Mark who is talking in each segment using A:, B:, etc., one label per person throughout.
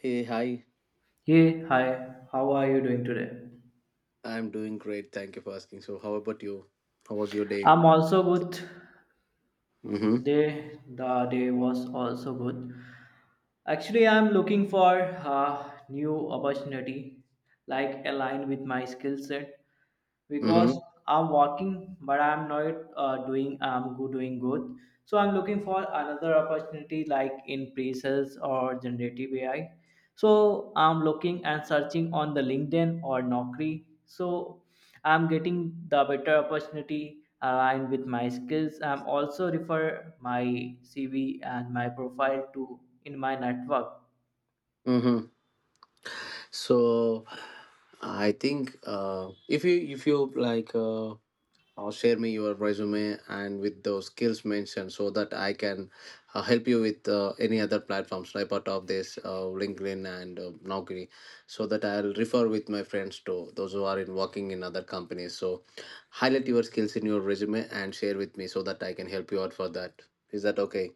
A: Hey, hi.
B: Hey, hi, how are you doing today?
A: I'm doing great. Thank you for asking. So, how about you? How was your day?
B: I'm also good.
A: Mm-hmm.
B: The day was also good. Actually, I'm looking for a new opportunity, like aligned with my skill set, because
A: Mm-hmm.
B: I'm working, but I'm not doing I'm good, doing good. So I'm looking for another opportunity, like in pre-sales or generative AI. So I'm looking and searching on the LinkedIn or Naukri. So I'm getting the better opportunity aligned with my skills. I'm also refer my CV and my profile to in my network.
A: Mm-hmm. So, I think if you like share me your resume and with those skills mentioned so that I can help you with any other platforms like part of this LinkedIn and Naukri so that I'll refer with my friends to those who are in working in other companies. So highlight your skills in your resume and share with me so that I can help you out for that. Is that okay?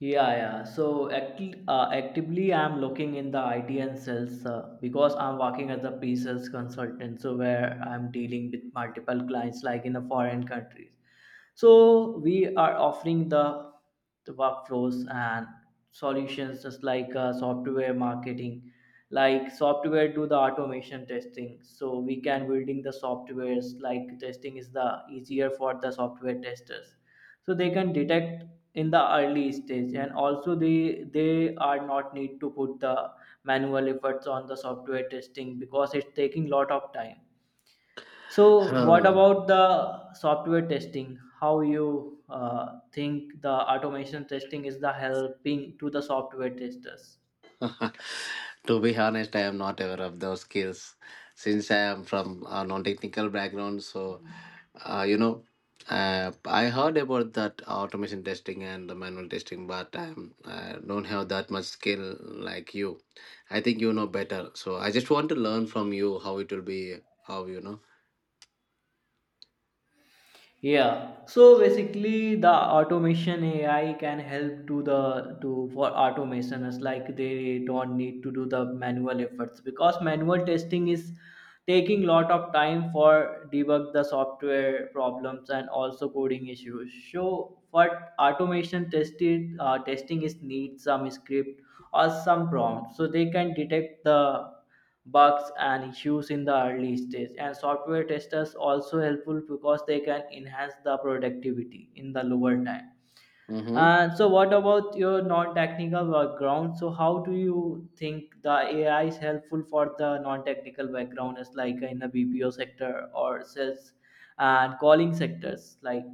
B: Yeah, yeah. So actively, I'm looking in the IT and sales because I'm working as a pre-sales consultant. So where I'm dealing with multiple clients, like in a foreign countries. So we are offering the workflows and solutions just like software marketing like software do the automation testing so we can building the softwares like testing is the easier for the software testers so they can detect in the early stage and also they are not need to put the manual efforts on the software testing because it's taking lot of time. So, what
A: Hmm.
B: about the software testing? How you think the automation testing is the helping to the software testers?
A: To be honest, I am not aware of those skills since I am from a non-technical background. Uh, you know, I heard about that automation testing and the manual testing, but I don't have that much skill like you. I think you know better. So I just want to learn from you. How it will be, how you know.
B: Yeah. So basically, the automation AI can help to the to for automation as like they don't need to do the manual efforts because manual testing is taking lot of time for debug the software problems and also coding issues. So what automation tested testing is need some script or some prompt so they can detect the bugs and issues in the early stage and software testers also helpful because they can enhance the productivity in the lower time.
A: Mm-hmm.
B: And so what about your non-technical background, so how do you think the AI is helpful for the non-technical background as like in the BPO sector or sales and calling sectors like?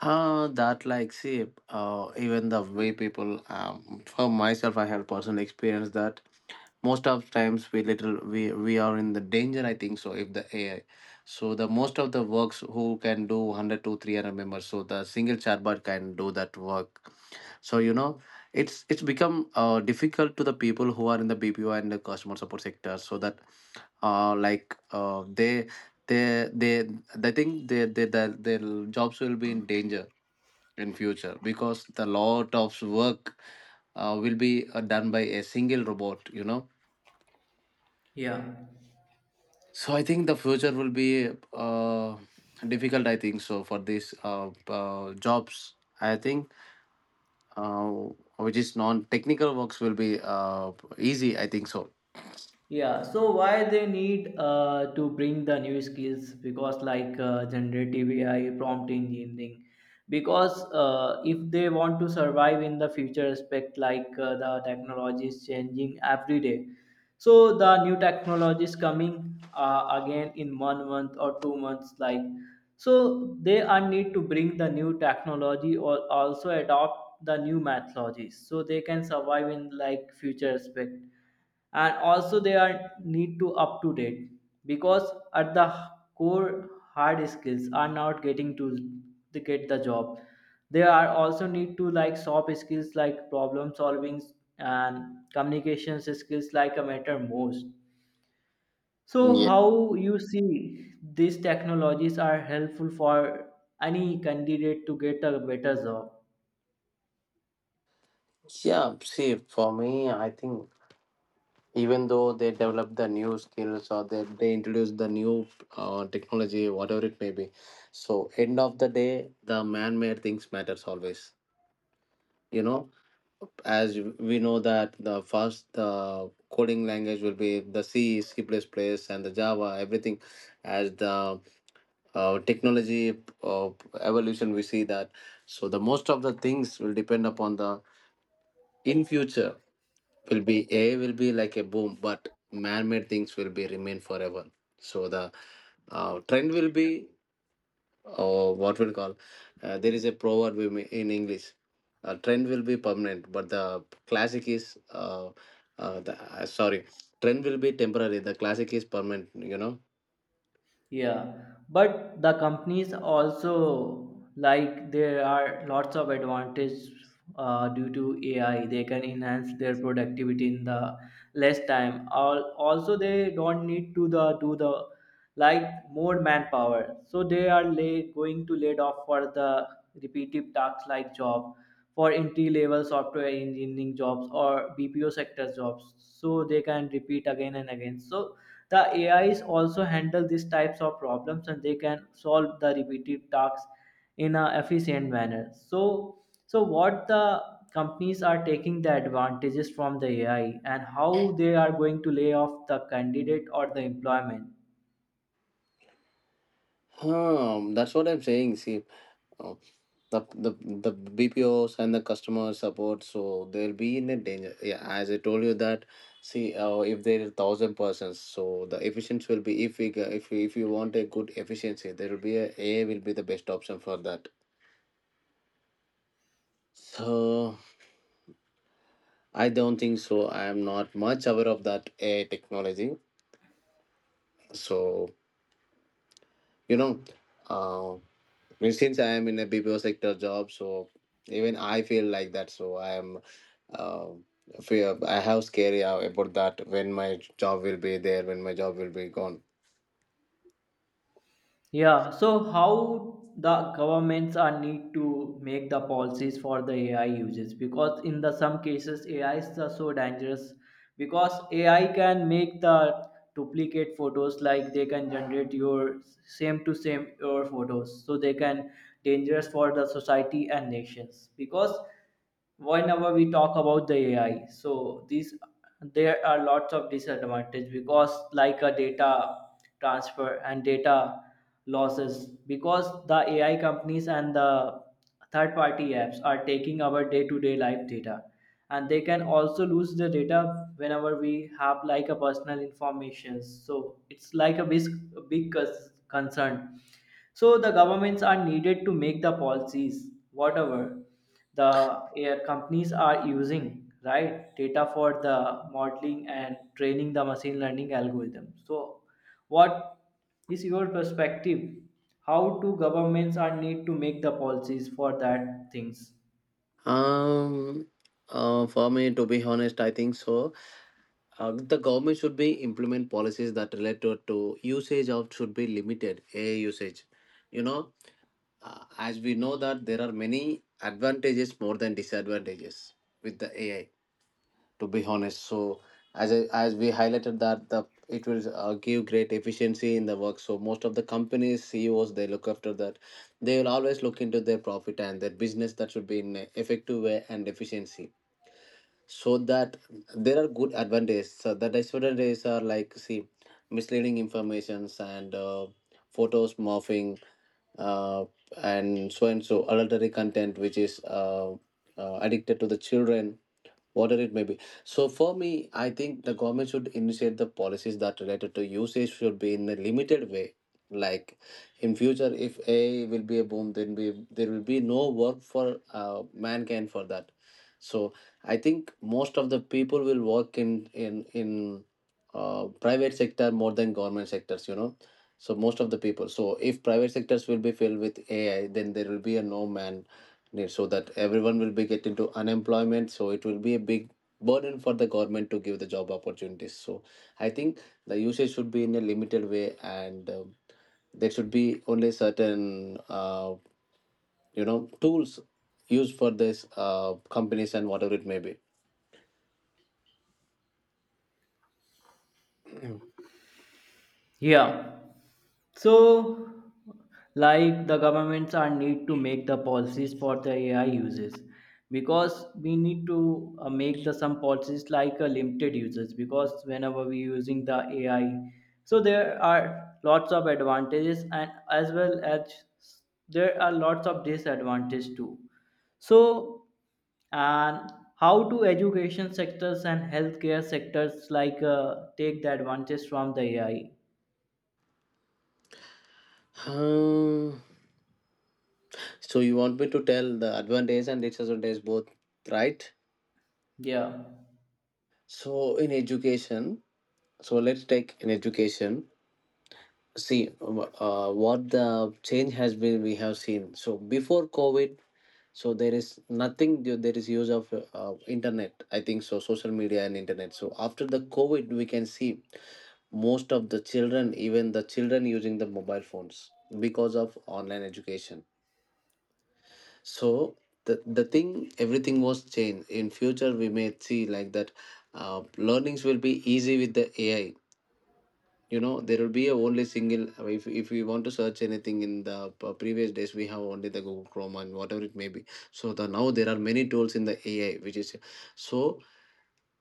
A: Even the way people, for myself, I have personal experience that most of times we little we are in the danger, I think. So if the AI, so the most of the works who can do 100 to 300 members, so the single chatbot can do that work. So you know, it's become difficult to the people who are in the BPO and the customer support sector. So that like they they they think they, their jobs will be in danger in future because the lot of work will be done by a single robot, you know.
B: Yeah.
A: So I think the future will be difficult, I think so, for these jobs. I think uh, which is non-technical works will be easy, I think so.
B: Yeah, so why they need to bring the new skills because like generative AI, prompt engineering, because if they want to survive in the future aspect like the technology is changing every day, so the new technologies coming again in one month or 2 months like, so they are need to bring the new technology or also adopt the new methodologies so they can survive in like future aspect and also they are need to up to date because at the core hard skills are not getting to get the job, they are also need to like soft skills like problem solving and communications skills like a matter most. So
A: Yeah.
B: how you see these technologies are helpful for any candidate to get a better job?
A: Yeah. See, for me, I think even though they develop the new skills, or they introduce the new technology, whatever it may be, so end of the day, the man-made things matters always. You know, as we know that the first coding language will be the C, C++, and the Java, everything. As the technology uh, evolution we see that. So the most of the things will depend upon the, in future, will be AI will be like a boom, but man-made things will be remain forever. So the trend will be, or what we call, there is a proverb in English: a trend will be permanent, but the classic is sorry, trend will be temporary, the classic is permanent, you know.
B: Yeah, but the companies also like there are lots of advantage due to AI. They can enhance their productivity in the less time. Also, they don't need to the do the like more manpower. So they are going to laid off for the repetitive tasks like job for entry level software engineering jobs or BPO sector jobs. So they can repeat again and again. So the ais also handle these types of problems and they can solve the repetitive tasks in an efficient manner. So what the companies are taking the advantages from the AI and how they are going to lay off the candidate or the employment?
A: Hmm, that's what I'm saying. See, uh, the, the the BPOs and the customer support, so they'll be in a danger, yeah, as I told you that. See, if there is thousand persons, so the efficiency will be, if if you want a good efficiency, there will be a will be the best option for that. So I don't think so. I am not much aware of that AI technology. So you know, uh, and since I am in a BPO sector job, so even I feel like that. So I am, uh, fear, I have scary about that. When my job will be there, when my job will be gone?
B: Yeah, so how the governments are need to make the policies for the AI uses because in the some cases AI is the so dangerous because AI can make the duplicate photos like they can generate your same to same your photos so they can dangerous for the society and nations because whenever we talk about the AI, so these there are lots of disadvantage because like a data transfer and data losses because the AI companies and the third party apps are taking our day to day life data and they can also lose the data whenever we have like a personal information so it's like a big, big concern. So the governments are needed to make the policies, whatever the air companies are using, right? Data for the modeling and training the machine learning algorithm. So what is your perspective? How do governments are need to make the policies for that things?
A: Um, for me, to be honest, I think so. The government should be implement policies that related to usage of should be limited AI usage. You know, as we know that there are many advantages more than disadvantages with the AI. To be honest, so as we highlighted that the it will give great efficiency in the work. So most of the companies CEOs they look after that. They will always look into their profit and their business that should be in a effective way and efficiency. So that there are good advantages. So the disadvantages are like, see, misleading informations and photos morphing uh, and so adultery content which is addicted to the children, whatever it may be. So for me, I think the government should initiate the policies that related to usage should be in a limited way. Like in future, if AI will be a boom, then be there will be no work for mankind for that. So I think most of the people will work in private sector more than government sectors, you know, so most of the people. So if private sectors will be filled with AI, then there will be a no man. Yeah, so that everyone will be get into unemployment, so it will be a big burden for the government to give the job opportunities. So I think the usage should be in a limited way, and there should be only certain you know, tools used for this companies and whatever it may be.
B: Yeah. So, like the governments are need to make the policies for the AI uses because we need to make the some policies like limited users because whenever we using the AI, so there are lots of advantages and as well as there are lots of disadvantages too. So and how do education sectors and healthcare sectors like take the advantage from the AI?
A: Hmm. So you want me to tell the advantage and disadvantage both, right?
B: Yeah.
A: So in education, so let's take in education. See, what the change has been we have seen. So before COVID, so there is nothing, there is use of internet, I think, so social media and internet. So after the COVID, we can see most of the children, even the children using the mobile phones because of online education. So the thing, everything was changed. In future we may see like that learnings will be easy with the AI, you know. There will be a only single. If we want to search anything, in the previous days we have only the Google Chrome and whatever it may be. So the now there are many tools in the AI which is. So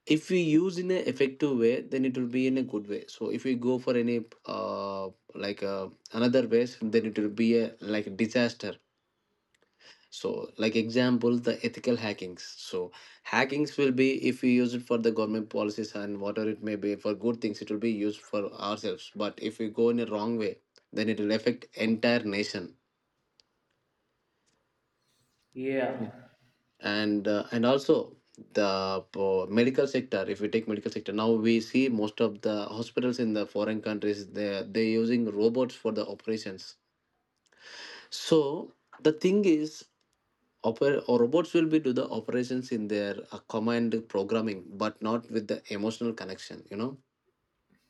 A: if we use in an effective way, then it will be in a good way. So if we go for any like uh, another ways, then it will be a like disaster. So like example, the ethical hackings. So hackings will be, if we use it for the government policies and whatever it may be for good things, it will be used for ourselves, but if we go in a wrong way, then it will affect entire nation.
B: Yeah.
A: And and also the medical sector, if we take medical sector, now we see most of the hospitals in the foreign countries, they using robots for the operations. So the thing is, or robots will be do the operations in their command programming, but not with the emotional connection, you know.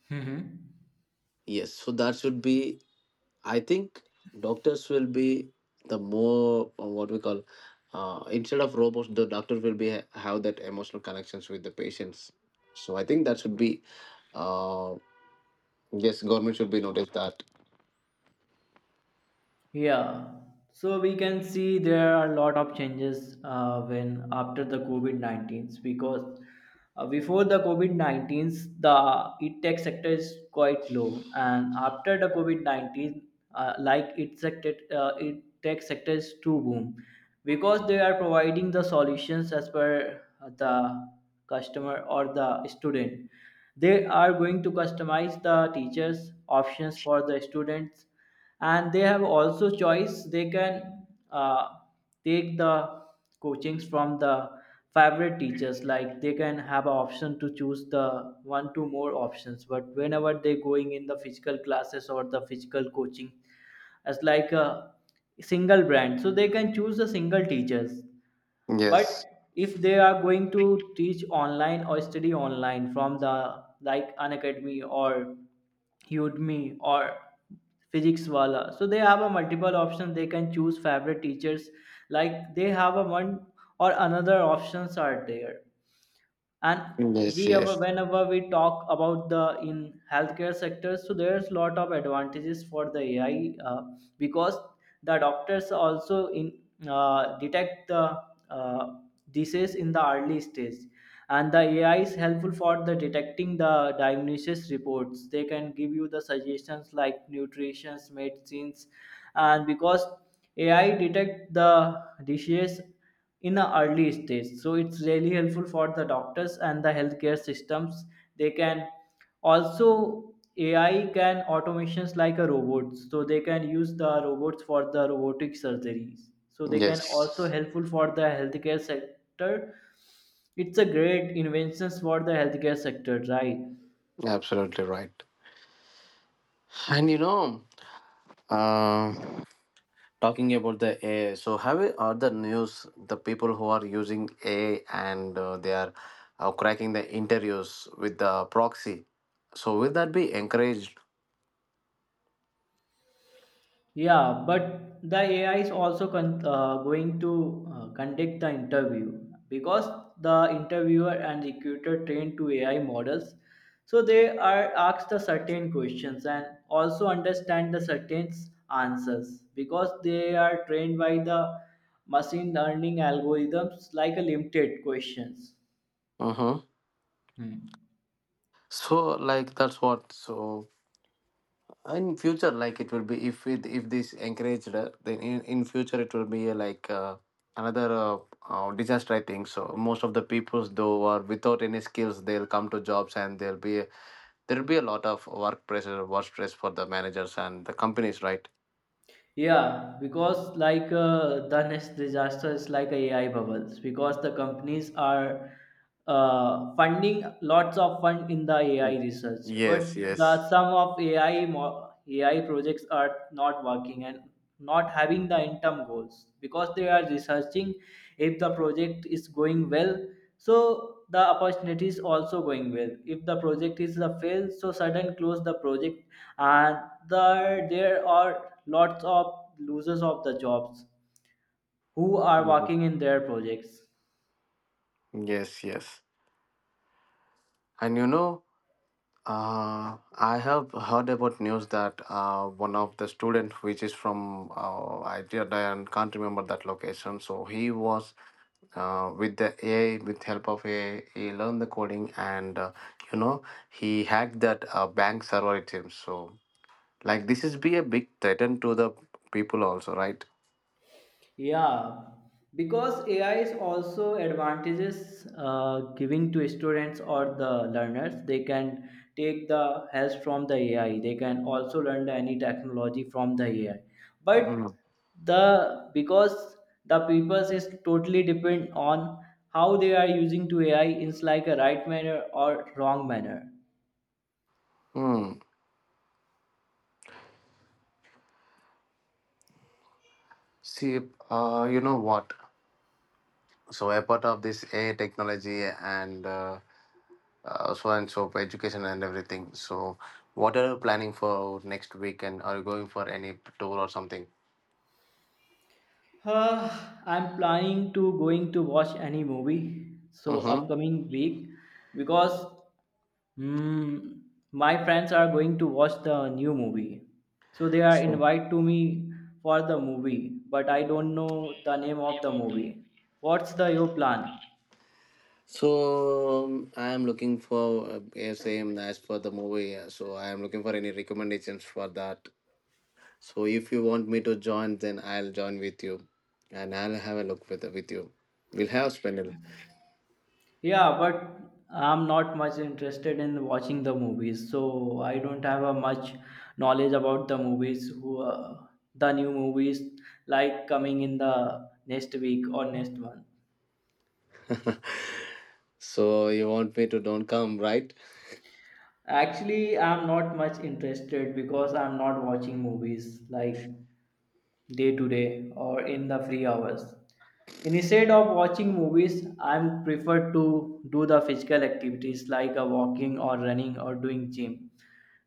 B: Hmm.
A: Yes. So that should be. I think doctors will be the more what we call. Instead of robots, the doctor will be have that emotional connections with the patients. So I think that should be, uh, yes, government should be notice that.
B: Yeah, so we can see there are a lot of changes when after the COVID-19 because before the COVID-19 the e tech sector is quite low, and after the COVID 19, like it tech sector is too boom because they are providing the solutions as per the customer or the student. They are going to customize the teachers' options for the students and they have also choice. They can uh, take the coachings from the favorite teachers like they can have a option to choose the one to more options but whenever they going in the physical classes or the physical coaching as like a single brand so they can choose the single teachers, but
A: Yes,
B: if they are going to teach online or study online from the like an academy or Udemy or physics wala so they have a multiple options they can choose favorite teachers like they have a one or another options are there. And
A: yes,
B: we ever
A: yes,
B: whenever we talk about the in healthcare sector so there's lot of advantages for the AI because the doctors also in detect the uh, disease in the early stage and the AI is helpful for the detecting the diagnosis reports. They can give you the suggestions like nutrition medicines and because AI detect the disease in the early stage so it's really helpful for the doctors and the healthcare systems. They can also AI can automations like a robots, so they can use the robots for the robotic surgeries so they can also
A: yes.
B: helpful for the healthcare sector. It's a great inventions for the healthcare sector, right?
A: Absolutely right. And you know, Uh, talking about the AI, so have you heard the news? The people who are using AI and they are cracking the interviews with the proxy. So will that be encouraged?
B: Yeah, but the AI is also going to conduct the interview because the interviewer and recruiter trained to AI models. So they are asked the certain questions and also understand the certain answers because they are trained by the machine learning algorithms like a limited questions.
A: Mm-hmm.
B: Hmm.
A: So like that's what. So in future, like it will be, if this encouraged, then in future it will be like another disaster, I think so. Most of the peoples though are without any skills, they'll come to jobs and they'll be, there will be a lot of work pressure work stress for the managers and the companies, right?
B: Yeah, because like the next disaster is like a AI bubbles because the companies are funding lots of fund in the AI
A: Mm.
B: research, but
A: Yes,
B: the
A: yes.
B: some of AI projects are not working and not having the interim goals because they are researching. If the project is going well, so the opportunity is also going well. If the project is a fail, so sudden close the project and there are lots of losers of the jobs who are
A: Mhm.
B: working in their projects.
A: Yes, yes. And you know, uh, I have heard about news that one of the student which is from I did, I can't remember that location. So he was with help of AI he learned the coding, and you know, he hacked that bank server, it seems. So like this is be a big threat to the people also, right?
B: Yeah, because AI is also advantages giving to students or the learners they can take the help from the AI they can also learn any technology from the AI but the because the purpose is totally depend on how they are using to AI is like a right manner or wrong manner.
A: Hmm. See, you know what? So a part of this AI technology and so and so for education and everything. So what are you planning for next week? And are you going for any tour or something?
B: Uh, I'm planning to going to watch any movie so
A: Mm-hmm.
B: upcoming week because mm, my friends are going to watch the new movie. So they are
A: So,
B: invite to me for the movie, but I don't know the name of the movie. What's the your plan?
A: I am looking for yeah, same as for the movie. So I am looking for any recommendations for that. So if you want me to join, then I'll join with you, and I'll have a look with you. We'll have spendable.
B: Yeah, but I'm not much interested in watching the movies, so I don't have a much knowledge about the movies. Who the new movies like coming in the next week or next month?
A: So you want me to don't come, right?
B: Actually, I'm not much interested because I'm not watching movies like day to day or in the free hours. Instead of watching movies, I am prefer to do the physical activities like a walking or running or doing gym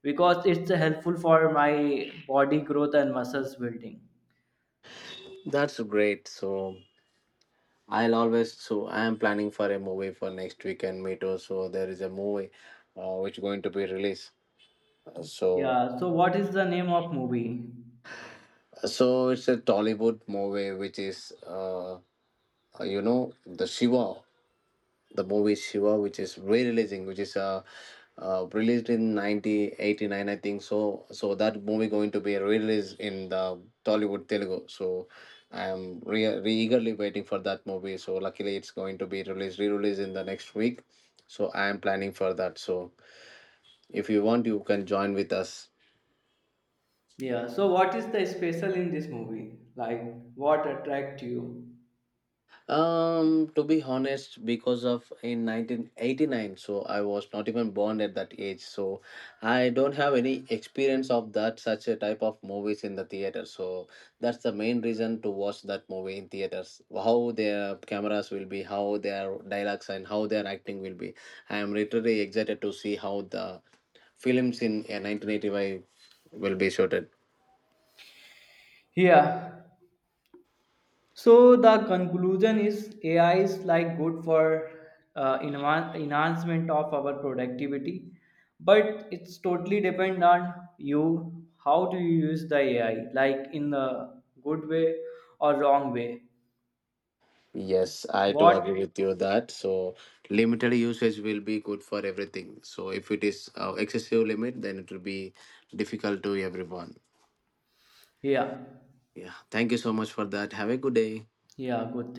B: because it's helpful for my body growth and muscles building.
A: That's great. So I'll always, so I am planning for a movie for next weekend, me too. So there is a movie which going to be released. So
B: Yeah, so what is the name of movie?
A: so it's a Tollywood movie which is you know, the Shiva, the movie Shiva, which is re-releasing, which is released in 1989, I think. So, so that movie going to be released in the Tollywood Telugu. So, I am re eagerly waiting for that movie. So, luckily, it's going to be released re-released in the next week. So, I am planning for that. So, if you want, you can join with us.
B: Yeah, so what is the special in this movie? Like what attract you?
A: To be honest, because of in 1989, so I was not even born at that age, so I don't have any experience of that such a type of movies in the theater. So that's the main reason to watch that movie in theaters. How their cameras will be, how their dialogues and how their acting will be. I am literally excited to see how the films in 1985 will be shot.
B: Yeah, so the conclusion is AI is like good for enhancement of our productivity, but it's totally depend on you how do you use the AI, like in the good way or wrong way.
A: Yes, I do
B: What?
A: agree with you that. So limited usage will be good for everything. So if it is excessive limit, then it will be difficult to everyone.
B: Yeah,
A: Yeah. Thank you so much for that. Have a good day.
B: yeah, good.